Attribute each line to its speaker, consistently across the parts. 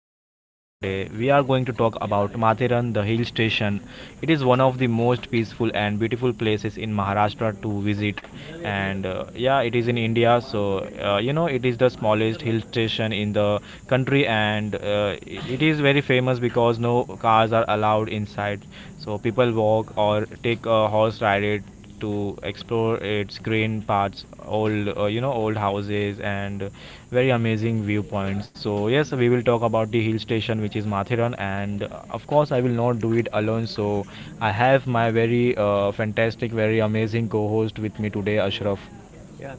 Speaker 1: the podcast today. We are going to talk about Mathiran, the hill station. It is one of the most peaceful and beautiful places in Maharashtra to visit. It is in India, so it is the smallest hill station in the country, and it is very famous because no cars are allowed inside. So people walk or take a horse ride it to explore its green parts, old old houses and very amazing viewpoints. So yes, we will talk about the hill station which is Mathiran, and of course I will not do it alone. So I have my very fantastic, very amazing co-host with me today, Ashraf.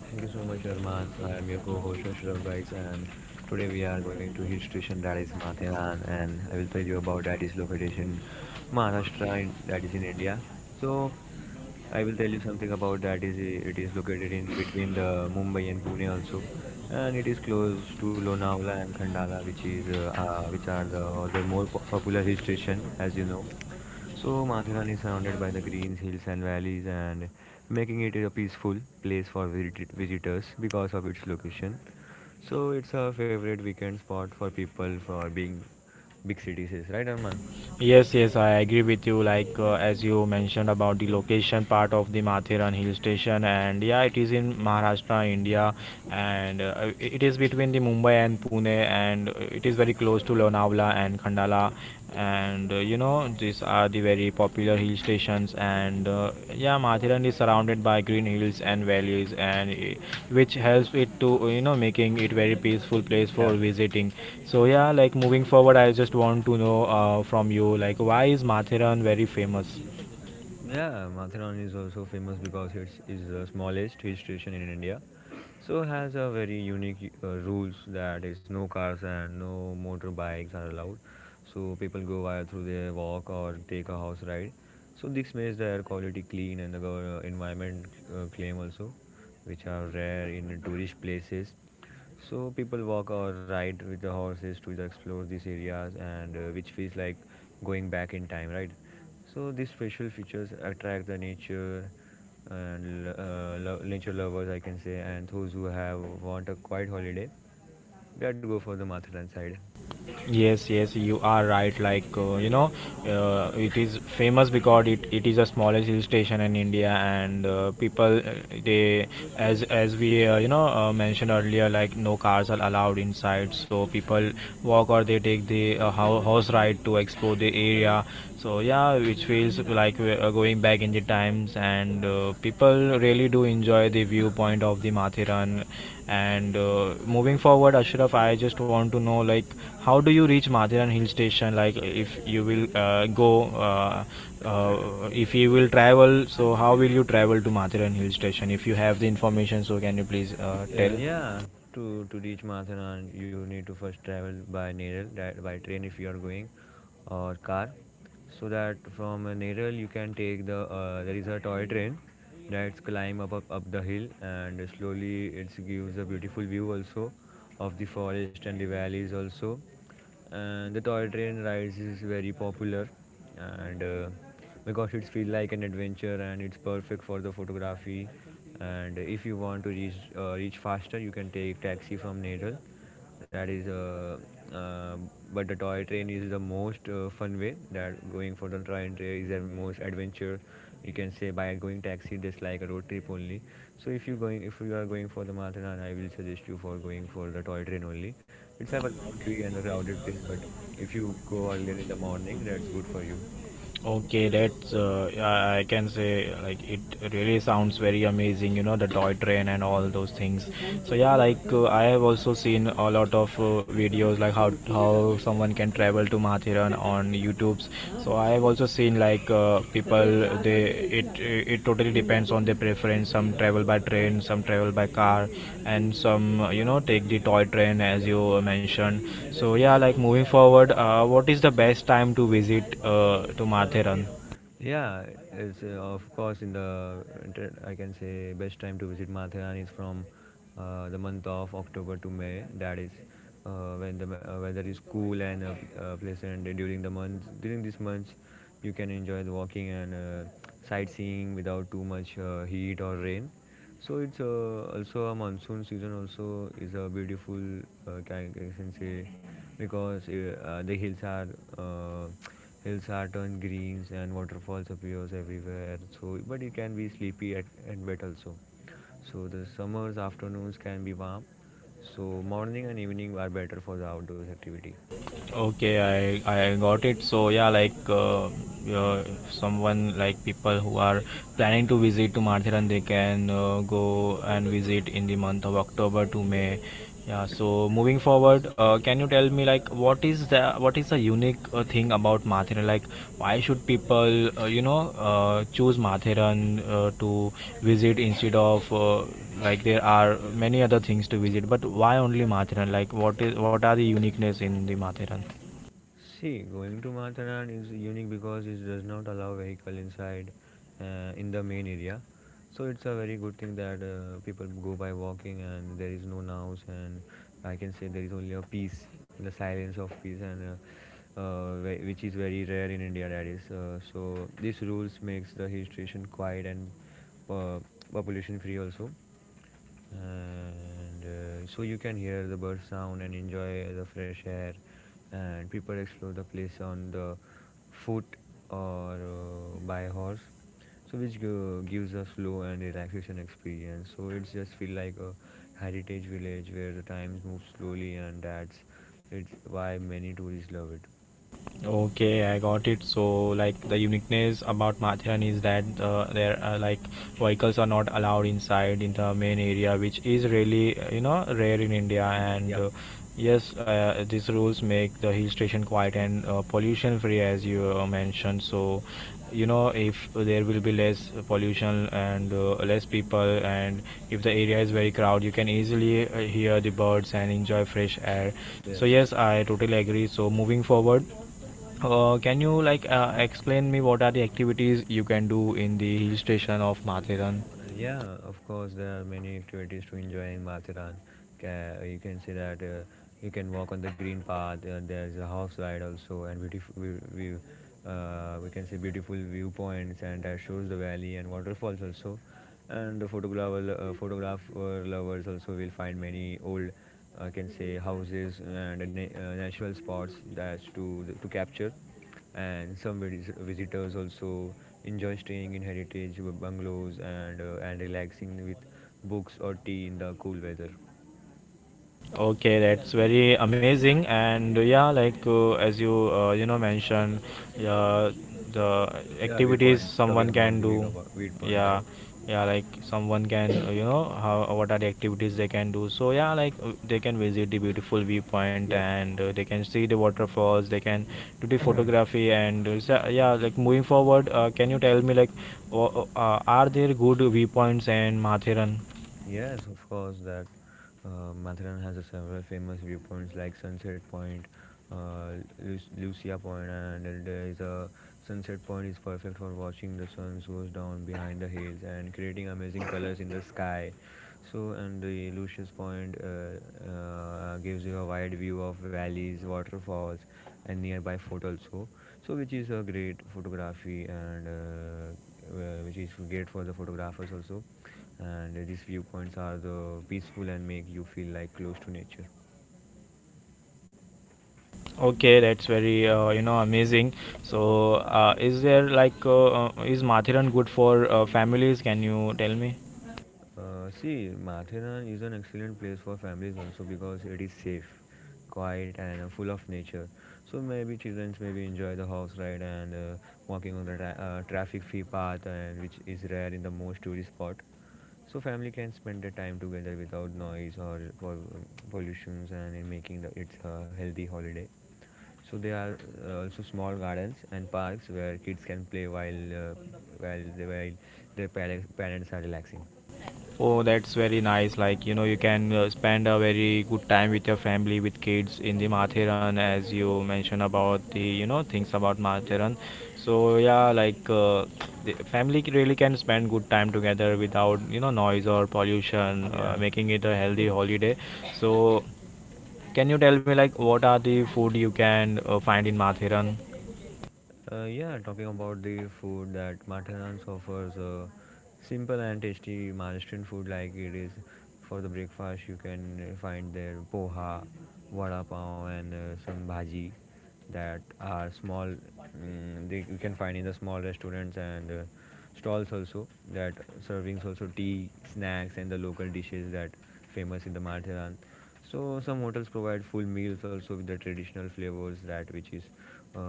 Speaker 2: Yeah, thank you so much, Arman. I am your co-host Ashraf, guys, and today we are going to hill station that is Matheran, and I will tell you about that is located in Maharashtra and that is in India. So I will tell you something about that is it is located in between the Mumbai and Pune also, and it is close to Lonavala and Khandala, which is which are the other more popular hill station, as you know. So Mathiran is surrounded by the greens, hills and valleys and making it a peaceful place for visitors because of its location. So it's a favorite weekend spot for people for being big cities, right Arman?
Speaker 1: Yes, yes, I agree with you. Like as you mentioned about the location part of the Matheran Hill Station, and yeah, it is in Maharashtra, India, it is between the Mumbai and Pune, and it is very close to Lonavala and Khandala, and these are the very popular hill stations and yeah, Mathiran is surrounded by green hills and valleys which helps it to, making it very peaceful place for
Speaker 2: Yeah.
Speaker 1: visiting. So yeah, like moving forward, I just want to know, from you, like why is Mathiran very famous?
Speaker 2: Yeah, Matheran is also famous because it is the smallest hill station in India. So has a very unique rules that is no cars and no motorbikes are allowed. So people go via through their walk or take a house ride. So this makes the air quality clean and the environment claim also, which are rare in tourist places. So people walk or ride with the horses to explore these areas and which feels like going back in time, right? So these special features attract the nature and nature lovers, I can say, and those who have want a quiet holiday that go for the Matharan side.
Speaker 1: Yes, yes, you are right. Like it is famous because it is the smallest hill station in India, and people they as we you know mentioned earlier, like no cars are allowed inside, so people walk or they take the horse ride to explore the area. So yeah, which feels like going back in the times, and people really do enjoy the viewpoint of the Mathiran. And Moving forward, Ashraf, I just want to know like how do you reach Mathiran hill station? Like, if you will go, uh, if you will travel, so how will you travel to Mathiran hill station? If you have the information, so can you please tell.
Speaker 2: Yeah, to to reach Mathura, you need to first travel by Neral, that by train if you are going, or car, so that from Neral you can take the there is a toy train that's climb up, up the hill and slowly it gives a beautiful view also of the forest and the valleys also and the toy train rides is very popular and because it feels like an adventure and it's perfect for the photography. And if you want to reach faster, you can take taxi from Neral that is uh, but the toy train is the most fun way. That going for the toy train is the most adventure, you can say. By going taxi just like a road trip only, so if you are going for the marathon, I will suggest you for going for the toy train only. It's have a queue in a crowded place, but if you go earlier in the morning, that's good for you.
Speaker 1: Okay, that's I can say like it really sounds very amazing, you know, the toy train and all those things. So yeah, like I have also seen a lot of videos like how someone can travel to Mathiran on YouTube's. So I have also seen like people, they it it totally depends on their preference. Some travel by train, some travel by car, and some take the toy train as you
Speaker 2: Yep.
Speaker 1: mentioned. So yeah, like moving forward, what is the best time to visit to Matheran?
Speaker 2: Yeah, it's, uh, of course, in the I can say best time to visit Matharan is from the month of October to May. That is when the weather is cool and pleasant. During these months, you can enjoy the walking and sightseeing without too much heat or rain. So it's also a monsoon season. Also is a beautiful can I can say, because the uh, hills are turned greens and waterfalls appears everywhere. So but it can be sleepy at, and wet also. So the summers afternoons can be warm. So morning and evening are better for the outdoors activity.
Speaker 1: Okay, I got it. So yeah, like uh, someone, like people who are planning to visit to Mathiran, they can go and visit in the month of October to May.
Speaker 2: Yep.
Speaker 1: Yeah. So moving forward, can you tell me like what is the, what is the unique thing about Matheran? Like, why should people uh, you know, choose Matheran to visit instead of like there are many other things to visit, but why only Matheran? Like, what is, what are the uniqueness in the Matheran?
Speaker 2: See, going to Mataran is unique because it does not allow vehicle inside in the main area. So it's a very good thing that people go by walking and there is no noise and I can say there is only a peace, the silence of peace and which is very rare in India. That is so. These rules makes the hill station quiet and uh, population free also and so you can hear the bird sound and enjoy the fresh air and people explore the place on the foot or by horse, so which gives a slow and relaxation experience. So it's just feel like a heritage village where the times move slowly, and that's it's why many tourists love it.
Speaker 1: Okay, I got it. So, like the uniqueness about Mathiran is that there are like vehicles are not allowed inside in the main area, which is really rare in India. And Yes, these rules make the hill station quiet and pollution free, as you mentioned. So, you know, if there will be less pollution and less people, and if the area is very crowded, you can easily hear the birds and enjoy fresh air. So yes,
Speaker 2: Yes.
Speaker 1: I totally agree. So moving forward, can you like explain me what are the activities you can do in the hill station of Matheran?
Speaker 2: Yeah, of course, there are many activities to enjoy in Mathiran. You can see that you can walk on the green path. There's a horse ride also, and we, we can see beautiful viewpoints, and that shows the valley and waterfalls also. And the photographer lovers also will find many old, I can say, houses and natural spots that's to capture. And some visitors also enjoy staying in heritage bungalows and and relaxing with books or tea in the cool weather.
Speaker 1: Okay, that's very amazing. And yeah, like as you you know mentioned, uh, the
Speaker 2: Yeah,
Speaker 1: activities
Speaker 2: viewpoint.
Speaker 1: someone
Speaker 2: Talking
Speaker 1: can
Speaker 2: about the
Speaker 1: do.
Speaker 2: viewpoint,
Speaker 1: Yeah,
Speaker 2: right?
Speaker 1: yeah, like someone can how, what are the activities they can do. So yeah, like they can visit the beautiful viewpoint
Speaker 2: Yep.
Speaker 1: and they can see the waterfalls. They can do the photography and so, yeah, like moving forward, can you tell me like are there good viewpoints in Matheran?
Speaker 2: Yes, of course. That Matharan has a several famous viewpoints like Sunset Point, uh, Lucia Point, and then there is a Sunset Point is perfect for watching the sun goes down behind the hills and creating amazing colors in the sky. So, and the Lucius Point gives you a wide view of valleys, waterfalls, and nearby fort also. So, which is a great photography and which is great for the photographers also. And these viewpoints are the peaceful and make you feel like close to nature.
Speaker 1: Okay, that's very amazing. So, is there like is Mathiran good for families? Can you tell me?
Speaker 2: See, Mathura is an excellent place for families also because it is safe, quiet, and full of nature. So maybe children maybe enjoy the horse ride and walking on the traffic-free path, and which is rare in the most tourist spot. So family can spend their time together without noise or pollutions, and in making the, it's a healthy holiday. So there are also small gardens and parks where kids can play while their parents are relaxing.
Speaker 1: Oh, that's very nice. Like you know, you can spend a very good time with your family, with kids in the Mathiran, as you mentioned about the, you know, things about
Speaker 2: Yeah.
Speaker 1: Mathiran. So yeah, like the family c- really can spend good time together without, you know, noise or pollution,
Speaker 2: Yeah.
Speaker 1: making it a healthy holiday. So can you tell me like what are the food you can find in Mathiran?
Speaker 2: Yeah, talking about the food that Matanans offers, simple and tasty Maharashtrian food like it is for the breakfast. You can find there poha, vada pav, and some bhaji that are small. They you can find in the small restaurants and stalls also that servings also tea, snacks, and the local dishes that famous in the Maratharan. So some hotels provide full meals also with the traditional flavors that which is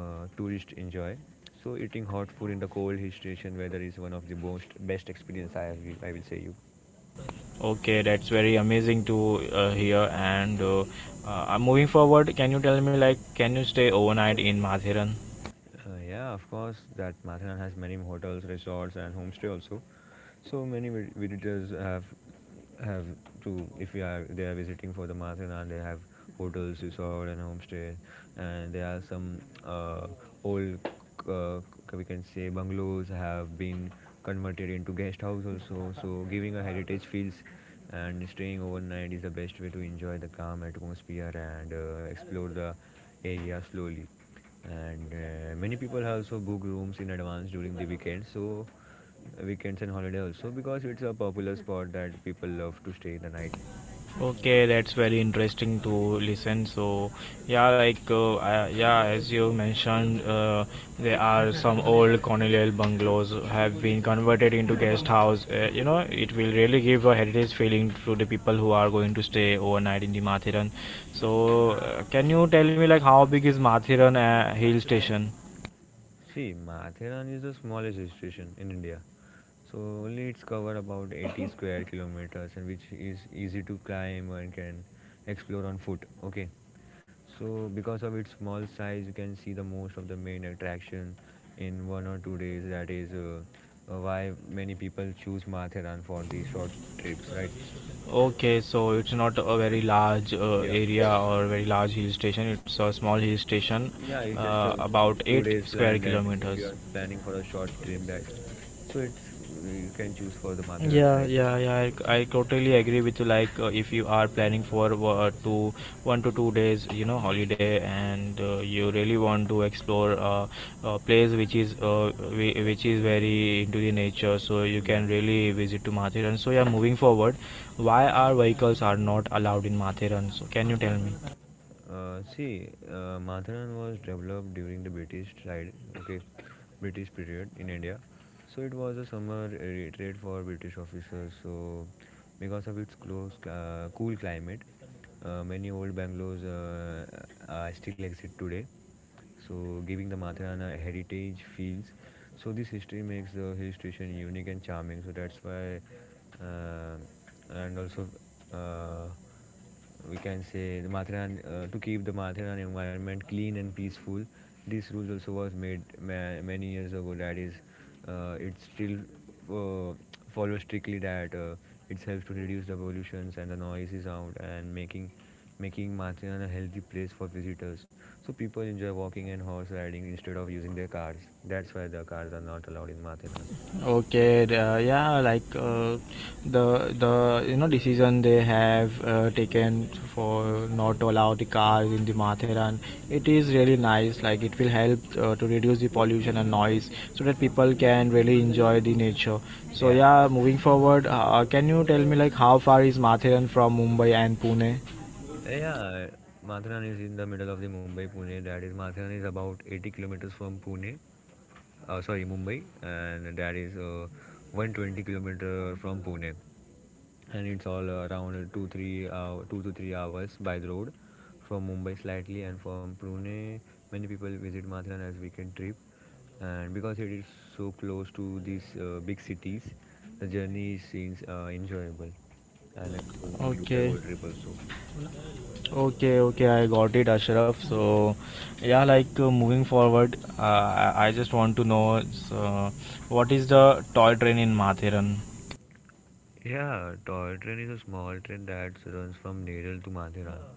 Speaker 2: tourists enjoy. So eating hot food in the cold hill station weather is one of the most best experience I will say you.
Speaker 1: Okay, that's very amazing to hear. And Moving forward, can you tell me like can you stay overnight in Mathiran?
Speaker 2: Yeah, of course, that Mathanan has many hotels, resorts, and homestay also. So many visitors have to if we are they are visiting for the Mathanan, they have hotels, resort, and homestay, and there are some uh, old uh, we can say bungalows have been converted into guest house also. So giving a heritage feels and staying overnight is the best way to enjoy the calm atmosphere and explore the area slowly. And many people have also booked rooms in advance during the weekends and holiday also, because it's a popular spot that people love to stay the night.
Speaker 1: Okay, that's very interesting to listen. So, yeah, like, yeah, as you mentioned, there are some old colonial bungalows have been converted into guest house. You know, it will really give a heritage feeling to the people who are going to stay overnight in the Mathiran. So, can you tell me like how big is Mathiran hill station?
Speaker 2: See, Matheran is the smallest hill station in India, so only it's covered about 80 square kilometers, and which is easy to climb and can explore on foot. Okay. So because of its small size, you can see the most of the main attraction in 1 or 2 days. That is why many people choose Matheran for the short trips, right?
Speaker 1: Okay, so it's not a very large
Speaker 2: Yeah,
Speaker 1: area or very large hill station. It's a small hill station,
Speaker 2: yeah. It's just a
Speaker 1: about
Speaker 2: two
Speaker 1: eight
Speaker 2: days
Speaker 1: square
Speaker 2: plan that if you
Speaker 1: kilometers.
Speaker 2: are planning for a short trip, that so it's you can choose for the Matheran
Speaker 1: Yeah,
Speaker 2: side.
Speaker 1: yeah, yeah. I totally agree with you. Like, if you are planning for two, 1 to 2 days, you know, holiday, and you really want to explore a place which is which is very into the nature, so you can
Speaker 2: Yeah.
Speaker 1: really visit to Mathiran. So yeah, moving forward, why our vehicles are not allowed in Mathiran? So can you tell me?
Speaker 2: See, Matharan was developed during the British side, okay, British period in India. So it was a summer retreat for British officers. So because of its close, cool climate, many old bungalows are still exist today. So giving the Matharan a heritage feels. So this history makes the hill station unique and charming. So that's why, uh, and also. Uh, we can say the Mathiran to keep the Mathiran environment clean and peaceful. These rules also was made many years ago. That is, it still uh, follows strictly that it helps to reduce the pollutions and the noises out and making Mathiran a healthy place for visitors. So people enjoy walking and horse riding instead of using their cars. That's why the cars are not allowed in Mathiran.
Speaker 1: Okay, yeah, like the, you know, decision they have taken for not to allow the cars in the Matheran, it is really nice. Like it will help to reduce the pollution and noise, so that people can really enjoy the nature. So
Speaker 2: Yeah.
Speaker 1: yeah, moving forward, can you tell me like how far is Matheran from Mumbai and Pune?
Speaker 2: Hey, Yeah, Matharan is in the middle of the Mumbai-Pune. That is, Matharan is about 80 kilometers from Pune. Sorry, Mumbai, and that is 120 kilometer from Pune. And it's all around 2 to 3 hours by the road from Mumbai slightly, and from Pune, many people visit Matharan as weekend trip. And because it is so close to these big cities, the journey seems enjoyable and a good
Speaker 1: Okay.
Speaker 2: road trip also.
Speaker 1: Okay, okay, I got it, Ashraf. So, yeah, like moving forward, I just want to know, uh, what is the toy train in Mathiran?
Speaker 2: Yeah, toy train is a small train that runs from Needle to Mathiran.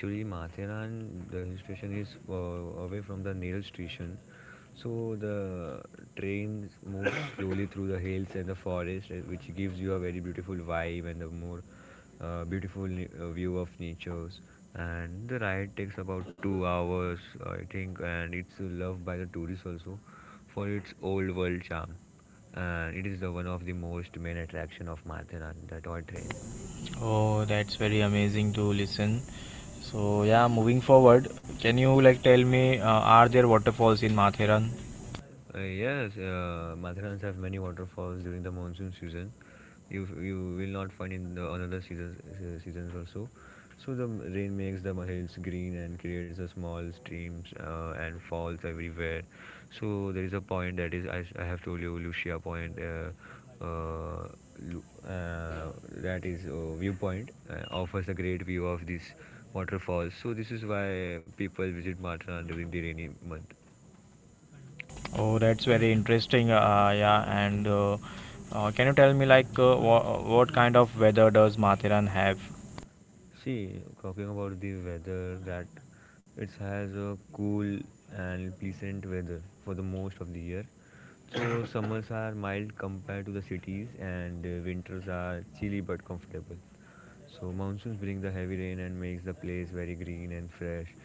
Speaker 2: Actually, Mathiran, the hill station is away from the Needle station. So the train moves slowly through the hills and the forest, which gives you a very beautiful vibe and the more view of natures. And the ride takes about 2 hours, I think, and it's loved by the tourists also for its old world charm. And it is the one of the most main attraction of Martheran, the toy train.
Speaker 1: Oh, that's very amazing to listen. So, yeah, moving forward, can you like tell me, are there waterfalls in Mathiran?
Speaker 2: Yes, Mathurans have many waterfalls during the monsoon season. You will not find in the another seasons also. So the rain makes the hills green and creates a small streams and falls everywhere. So there is a point that is, I have told you, Lucia Point. Uh, that is viewpoint offers a great view of these waterfalls. So this is why people visit Matran during the rainy month.
Speaker 1: Oh, that's very interesting. Yeah, and Can you tell me like what kind of weather does Mathiran have?
Speaker 2: See, talking about the weather, that it has a cool and pleasant weather for the most of the year. So summers are mild compared to the cities, and winters are chilly but comfortable. So monsoons bring the heavy rain and makes the place very green and fresh.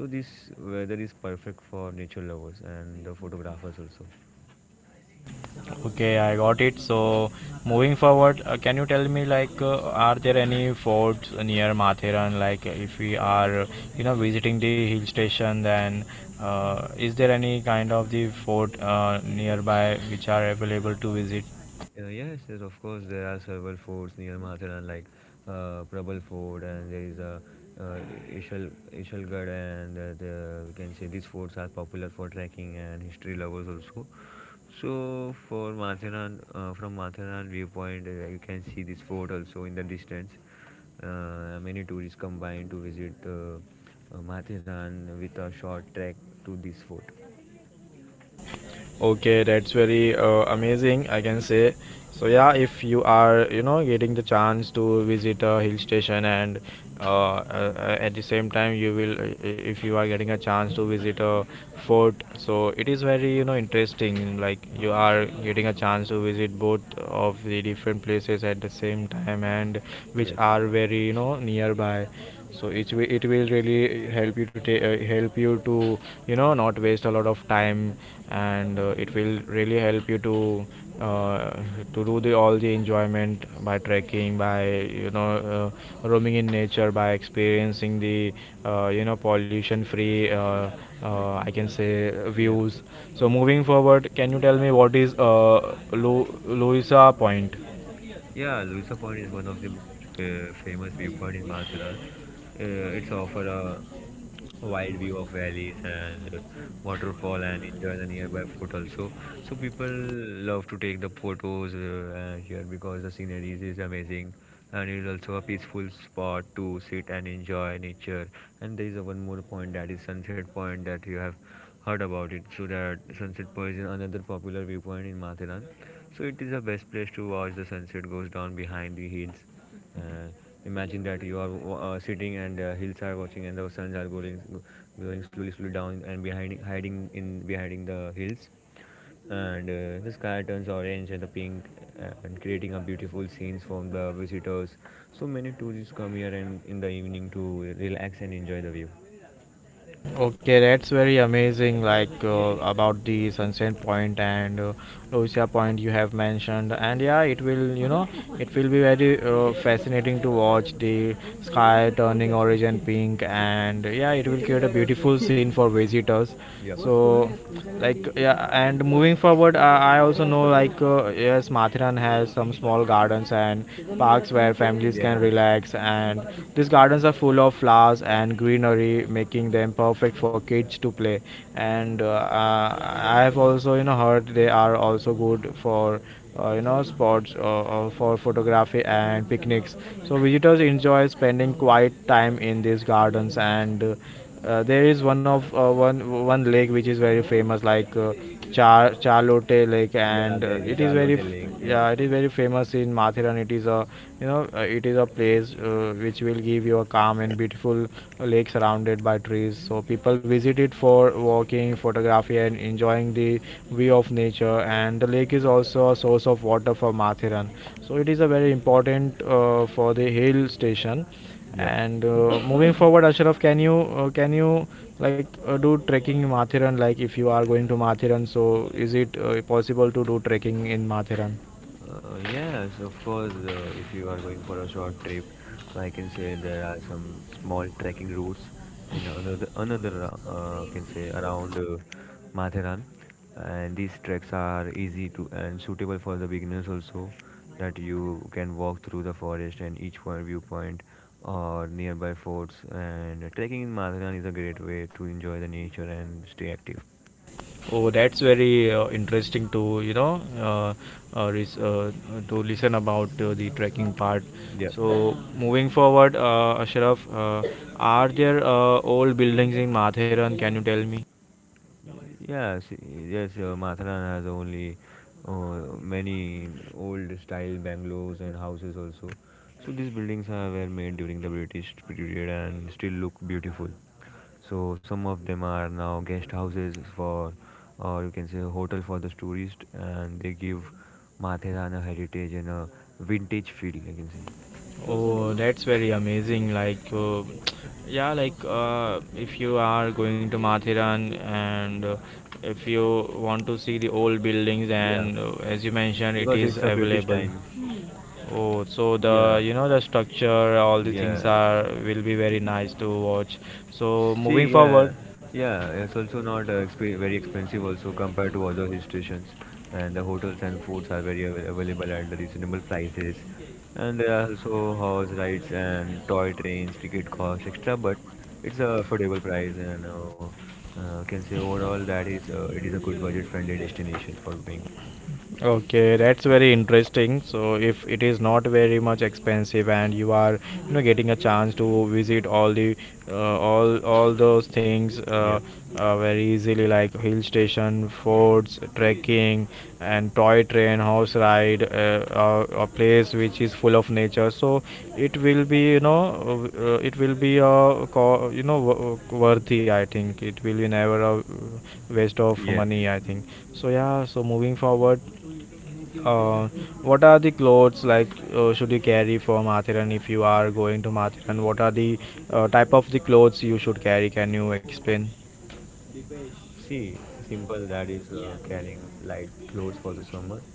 Speaker 2: So this weather is perfect for nature lovers and the photographers also.
Speaker 1: Okay, I got it. So, moving forward, can you tell me like, are there any forts near Matheran? Like, if we are, you know, visiting the hill station, then is there any kind of the fort nearby which are available to visit?
Speaker 2: Yes, of course, there are several forts near Mathura, like Prabal Fort, and there is a uh, Ishal, Ishalgarh, and we can say these forts are popular for trekking and history lovers also. So, for Matharan, from Matharan viewpoint, you can see this fort also in the distance. Many tourists combine to visit Matharan with a short trek to this fort.
Speaker 1: Okay, that's very amazing, I can say. So yeah, if you are, you know, getting the chance to visit a hill station and at the same time you will, if you are getting a chance to visit a fort, so it is very, you know, interesting. Like you are getting a chance to visit both of the different places at the same time and which
Speaker 2: Yes.
Speaker 1: are very, you know, nearby. So it will, it will really help you to help you to, you know, not waste a lot of time, and it will really help you uh, to do the all the enjoyment by trekking, by, you know, roaming in nature, by experiencing the pollution free, I can say,
Speaker 2: Yeah.
Speaker 1: views. So moving forward, can you tell me what is Louisa Point?
Speaker 2: Yeah, Luisa Point is one of the most famous viewpoint in Mahathiraan. It's offer a wide view of valleys and waterfall and enjoy the nearby fort also. So people love to take the photos here because the scenery is amazing and it's also a peaceful spot to sit and enjoy nature. And there is a one more point that is Sunset Point that you have heard about it. So that Sunset Point is another popular viewpoint in Matheran. So it is the best place to watch the sunset goes down behind the hills. Uh, imagine that you are sitting and hills are watching and the suns are going, slowly, slowly down and behind, hiding in behind the hills. And the sky turns orange and the pink and creating a beautiful scenes from the visitors. So many tourists come here and in the evening to relax and enjoy the view.
Speaker 1: Okay, that's very amazing. Like about the Sunset Point and Lucia Point you have mentioned, and yeah, it will it will be very fascinating to watch the sky turning orange and pink, and yeah, it will create a beautiful scene for visitors.
Speaker 2: Yep.
Speaker 1: So like yeah, and moving forward, I also know, like yes, Mathiran has some small gardens and parks where families can
Speaker 2: Yes.
Speaker 1: relax. And these gardens are full of flowers and greenery, making them perfect for kids to play. And I have also heard they are also good for sports, for photography and picnics. So visitors enjoy spending quiet time in these gardens. And there is one of one lake which is very famous, like Charlotte Lake, and
Speaker 2: Yeah, there is
Speaker 1: it
Speaker 2: a
Speaker 1: is very
Speaker 2: Charlotte Lake. Yeah.
Speaker 1: yeah, it is very famous in Mathiran. It is a it is a place which will give you a calm and beautiful lake surrounded by trees. So people visit it for walking, photography, and enjoying the view of nature. And the lake is also a source of water for Mathiran. So it is a very important for the hill station.
Speaker 2: Yep.
Speaker 1: And moving forward, Ashraf, can you can you like do trekking in Mathiran? Like if you are going to Mathiran, so is it possible to do trekking in Mathiran?
Speaker 2: Yes, of course. If you are going for a short trip, so I can say there are some small trekking routes in another, I can say around Matheran, and these treks are easy to and suitable for the beginners also. That you can walk through the forest and each point viewpoint or nearby forts. And trekking in Matheran is a great way to enjoy the nature and stay active.
Speaker 1: Oh, that's very interesting to uh, res- uh, to listen about the trekking part.
Speaker 2: Yeah.
Speaker 1: So moving forward, Ashraf, are there old buildings in Mathiran? Can you tell me?
Speaker 2: Yes, Matharan has only many old style bungalows and houses also. So these buildings are were made during the British period and still look beautiful. So some of them are now guest houses for, or you can say a hotel for the tourist, and they give Matharan a heritage and a vintage feel. I can say,
Speaker 1: Oh, that's very amazing. Like, yeah, like if you are going to Mathiran and if you want to see the old buildings,
Speaker 2: yeah,
Speaker 1: and as you mentioned, it
Speaker 2: because
Speaker 1: is
Speaker 2: it's a British
Speaker 1: available.
Speaker 2: time.
Speaker 1: Oh, so the
Speaker 2: Yeah, uh,
Speaker 1: the structure, all the things
Speaker 2: yeah.
Speaker 1: are will be very nice to watch. So moving
Speaker 2: See, yeah,
Speaker 1: forward.
Speaker 2: yeah, it's also not very expensive also compared to other hill stations, and the hotels and foods are very available at reasonable prices, and there are also horse rides and toy trains. Ticket cost extra, but it's a affordable price, and can say overall that is it is a good budget-friendly destination for being.
Speaker 1: Okay, that's very interesting. So if it is not very much expensive and you are, you know, getting a chance to visit all the, all those things,
Speaker 2: Yeah,
Speaker 1: very easily, like hill station, forts, trekking, and toy train, horse ride, a place which is full of nature. So it will be it will be a worthy, I think. It will be never a waste of
Speaker 2: yeah.
Speaker 1: money, I think. So yeah, so moving forward, uh, what are the clothes like should you carry for Mathiran if you are going to Mathiran? What are the type of the clothes you should carry? Can you explain?
Speaker 2: See, simple that is carrying light clothes for the summer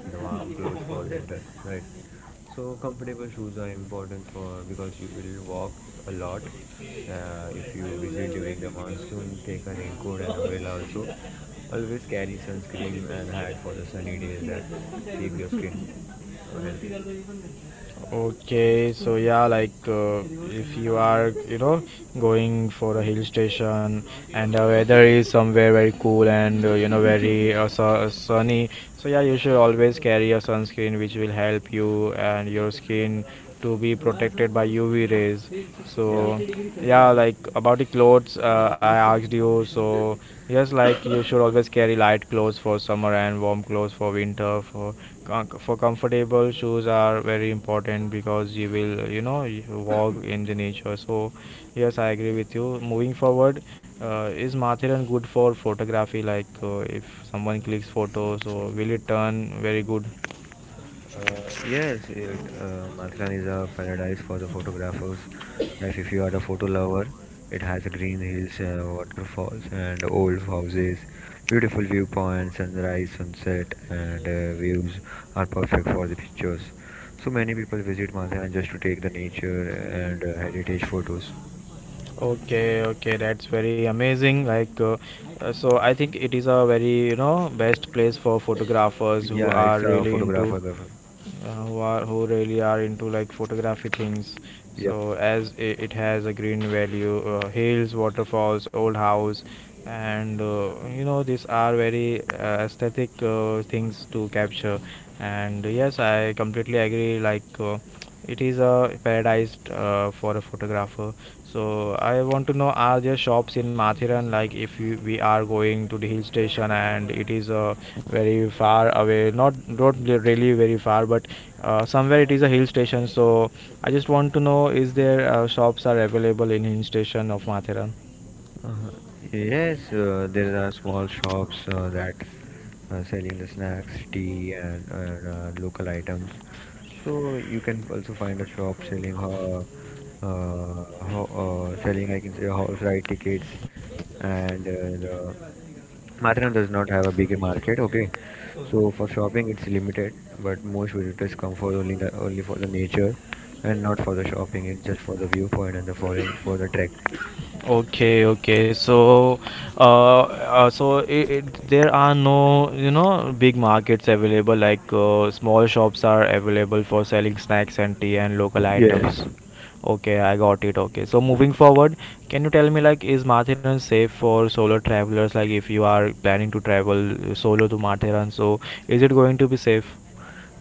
Speaker 2: and the warm clothes for winter, right? So comfortable shoes are important for because you will walk a lot. If you visit during the monsoon, take a raincoat and umbrella also. Always carry sunscreen and hat for the sunny days that keep your skin healthy.
Speaker 1: Okay, so yeah, like if you are, you know, going for a hill station and the weather is somewhere very cool and you know very sunny. So yeah, you should always carry a sunscreen which will help you and your skin to be protected by UV rays.
Speaker 2: Yeah.
Speaker 1: So yeah, like about the clothes, I asked you. So yes, like you should always carry light clothes for summer and warm clothes for winter. For for comfortable shoes are very important because you will, you know, you walk in the nature. So yes, I agree with you. Moving forward, is Mathiran good for photography? Like if someone clicks photo, so will it turn very good?
Speaker 2: Uh, yes, Matharan is a paradise for the photographers. Like if you are a photo lover, it has green hills, waterfalls, and old houses, beautiful viewpoints, sunrise, sunset, and views are perfect for the pictures. So many people visit Matharan just to take the nature and heritage photos.
Speaker 1: Okay, okay, that's very amazing. Like, so I think it is a very, you know, best place for photographers who
Speaker 2: Yeah,
Speaker 1: are
Speaker 2: it's a
Speaker 1: really into,
Speaker 2: photographer.
Speaker 1: who are who really are into like photography things.
Speaker 2: Yep.
Speaker 1: So as it, it has a green value, hills, waterfalls, old house, and you know these are very aesthetic things to capture. And yes, I completely agree. Like. It is a paradise for a photographer. So I want to know, are there shops in Mathiran? Like if you, we are going to the hill station and it is very far away, not really very far, but somewhere it is a hill station. So I just want to know, is there shops are available in hill station of Mathiran?
Speaker 2: Uh, yes, there are small shops that selling the snacks, tea, and local items. So you can also find a shop selling, selling I can say horse ride tickets, and the Matharan does not have a big market. Okay, so for shopping it's limited, but most visitors come for only for the nature, and not for the shopping. It's just for the viewpoint and the following for the trek.
Speaker 1: Okay, okay. So, so it, there are no, you know, big markets available. Like small shops are available for selling snacks and tea and local
Speaker 2: Yes.
Speaker 1: items. Okay, I got it. Okay. So moving forward, can you tell me, like is Mathiran safe for solo travelers? Like if you are planning to travel solo to Mathiran, so is it going to be safe?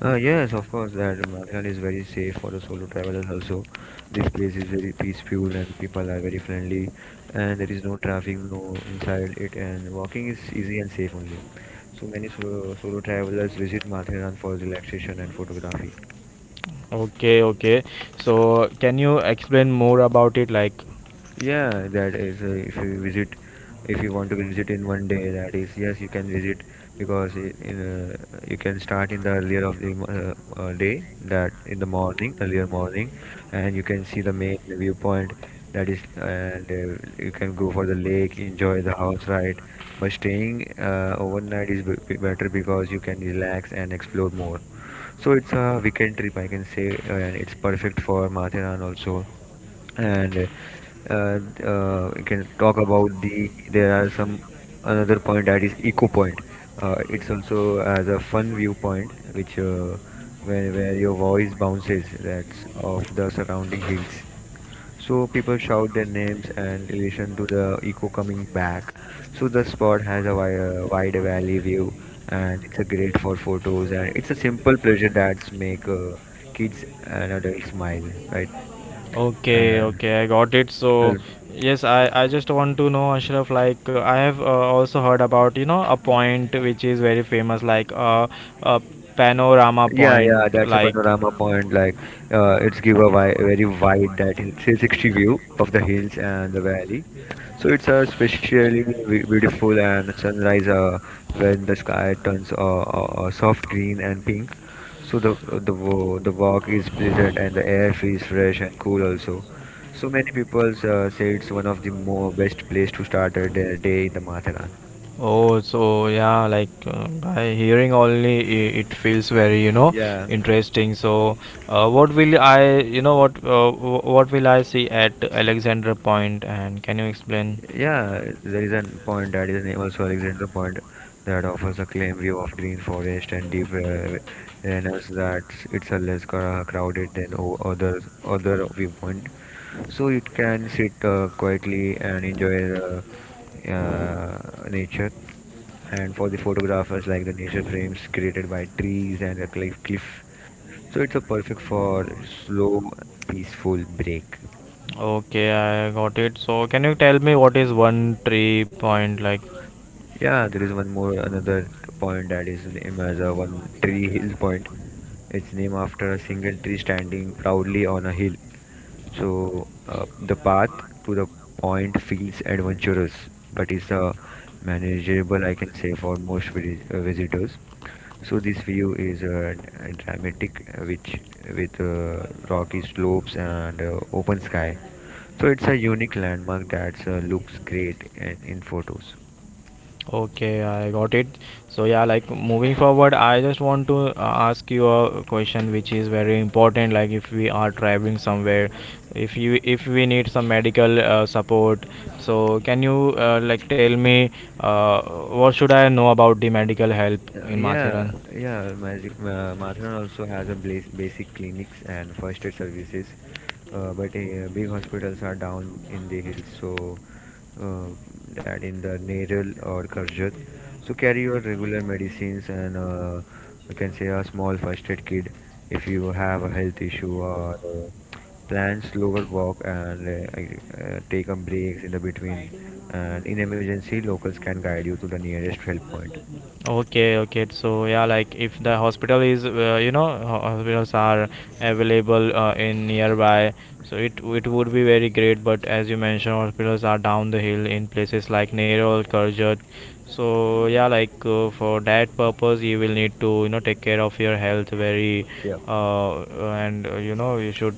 Speaker 2: Yes, of course, that Mathran is very safe for the solo travelers also. This place is very peaceful and people are very friendly and there is no traffic, no inside it and walking is easy and safe only. So many solo travelers visit Mathran for relaxation and photography.
Speaker 1: Okay, okay. So can you explain more about it? Like,
Speaker 2: Yeah, that is if you want to visit in one day, that is yes, you can visit because uh, you can start in the earlier of the day, that in the morning, earlier morning, and you can see the main viewpoint. That is, and you can go for the lake, enjoy the house ride. But staying overnight is better because you can relax and explore more. So it's a weekend trip, I can say, and it's perfect for Matheran also and uh, we can talk about the there are some another point that is eco point, it's also as a fun viewpoint which where your voice bounces that's of the surrounding hills. So people shout their names and relation to the echo coming back. So the spot has a wide valley view and it's a great for photos and it's a simple pleasure that's make kids and adults smile, right?
Speaker 1: okay,
Speaker 2: uh,
Speaker 1: okay, I got it. So,
Speaker 2: Yes.
Speaker 1: yes, I just want to know, Ashraf, like, I have also heard about, you know, a point which is very famous, like a panorama
Speaker 2: Yeah, yeah,
Speaker 1: point.
Speaker 2: that's a
Speaker 1: Like,
Speaker 2: panorama point. Like, it's give a wi very wide that is 360 view of the hills and the valley. So it's a especially beautiful and sunrise when the sky turns soft green and pink. So the walk is pleasant and the air feels fresh and cool also. So many people say it's one of the more best place to start a day in the Matharan.
Speaker 1: oh, so yeah, like by hearing only, I it feels very, you know,
Speaker 2: Yeah.
Speaker 1: interesting. So, what will I, you know, what what will I see at Alexandra Point, and can you explain?
Speaker 2: Yeah, there is an point that is named also Alexander Point that offers a clean view of green forest and deep ravines that it's a less crowded than other viewpoint. So it can sit quietly and enjoy the nature. And for the photographers, like the nature frames created by trees and a cliff. So it's a perfect for slow, peaceful break.
Speaker 1: Okay, I got it. So, can you tell me what is one tree point like?
Speaker 2: Yeah, there is one more another point that is named as a one tree hill point. It's named after a single tree standing proudly on a hill. So the path to the point feels adventurous, but is manageable, I can say, for most village, visitors. So this view is dramatic, which with rocky slopes and open sky. So it's a unique landmark that looks great in photos.
Speaker 1: Okay, I got it. So yeah, like moving forward, I just want to ask you a question which is very important. Like if we are traveling somewhere, if you if we need some medical support, so can you like tell me uh, what should I know about the medical help in
Speaker 2: Yeah,
Speaker 1: Mathiran?
Speaker 2: yeah. Magic Mathran also has a basic clinics and first aid services, but big hospitals are down in the hills, so uh, that in the Neral or Karjat. So carry your regular medicines and you can say a small first aid kit if you have a health issue or plan slower walk and take a breaks in the between. And in emergency, locals can guide you to the nearest help point.
Speaker 1: Okay, okay. So yeah, like if the hospital is, you know, hospitals are available in nearby, so it would be very great. But as you mentioned, hospitals are down the hill in places like Nerol, Karjat. So yeah, like for that purpose, you will need to, you know, take care of your health very,
Speaker 2: Yeah.
Speaker 1: uh, and you know, you should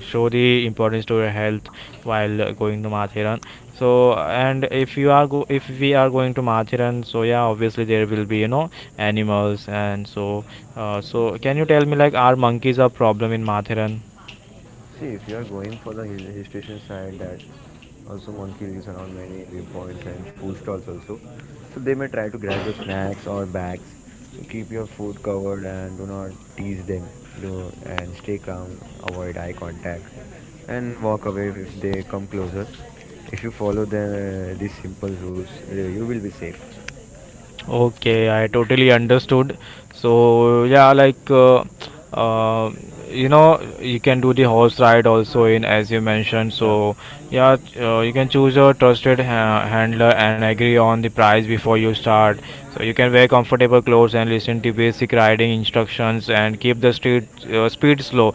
Speaker 1: show the importance to your health while going to Mathiran. So and if you are if we are going to Mathiran, so yeah, obviously there will be, you know, animals. And so so can you tell me, like are monkeys a problem in Mathiran?
Speaker 2: See, if you are going for the hill station side, that also monkey lives around many viewpoints and food stalls also. So they may try to grab your snacks or bags. So keep your food covered and do not tease them. Do and stay calm. Avoid eye contact and walk away if they come closer. If you follow the these simple rules, you will be safe.
Speaker 1: Okay, I totally understood. So yeah, like uh, you know, you can do the horse ride also, in as you mentioned.
Speaker 2: Yeah,
Speaker 1: So yeah, you can choose a trusted ha handler and agree on the price before you start. So you can wear comfortable clothes and listen to basic riding instructions and keep the street speed slow,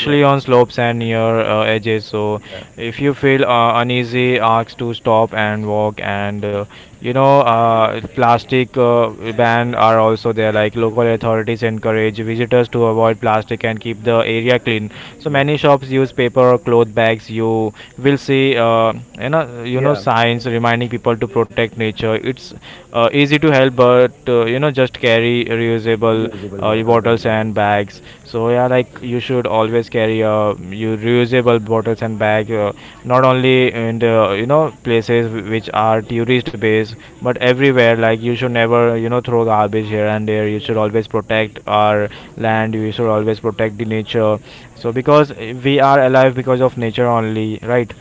Speaker 2: yeah,
Speaker 1: on slopes and near edges. So
Speaker 2: yeah,
Speaker 1: if you feel uneasy, ask to stop and walk. And you know, plastic ban are also there. Like local authorities encourage visitors to avoid plastic and keep the area clean. So
Speaker 2: yeah,
Speaker 1: many shops use paper or cloth bags. You will see,
Speaker 2: yeah.
Speaker 1: signs reminding people to protect nature. It's easy to help, but you know, just carry reusable
Speaker 2: Usable bottles and
Speaker 1: bottles
Speaker 2: bags
Speaker 1: and
Speaker 2: also.
Speaker 1: bags. So yeah, like you should always carry your reusable bottles and bag, not only in the, you know, places which are tourist based, but everywhere. Like you should never, you know, throw garbage here and there. You should always protect our land. You should always protect the nature. So because we are alive because of nature only, right?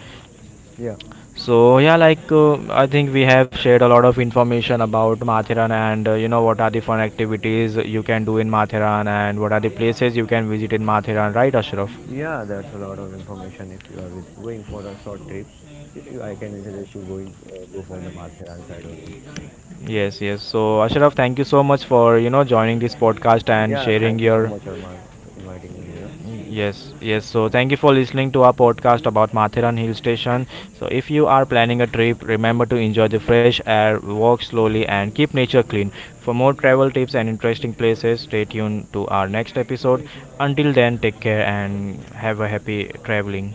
Speaker 2: Yeah.
Speaker 1: So yeah, like I think we have shared a lot of information about Matheran and you know, what are the fun activities you can do in Matheran and what are the places you can visit in Matheran, right, Ashraf?
Speaker 2: Yeah, that's a lot of information if you are going for a short trip. If you, I can suggest you going go for the Matheran side only.
Speaker 1: Yes, yes. So Ashraf, thank you so much for, you know, joining this podcast and
Speaker 2: Yeah, thank
Speaker 1: sharing
Speaker 2: you so
Speaker 1: your,
Speaker 2: much, Arman, for inviting me here.
Speaker 1: yes, yes. So thank you for listening to our podcast about Mathiran Hill Station. So if you are planning a trip, remember to enjoy the fresh air, walk slowly, and keep nature clean. For more travel tips and interesting places, stay tuned to our next episode. Until then, take care and have a happy traveling.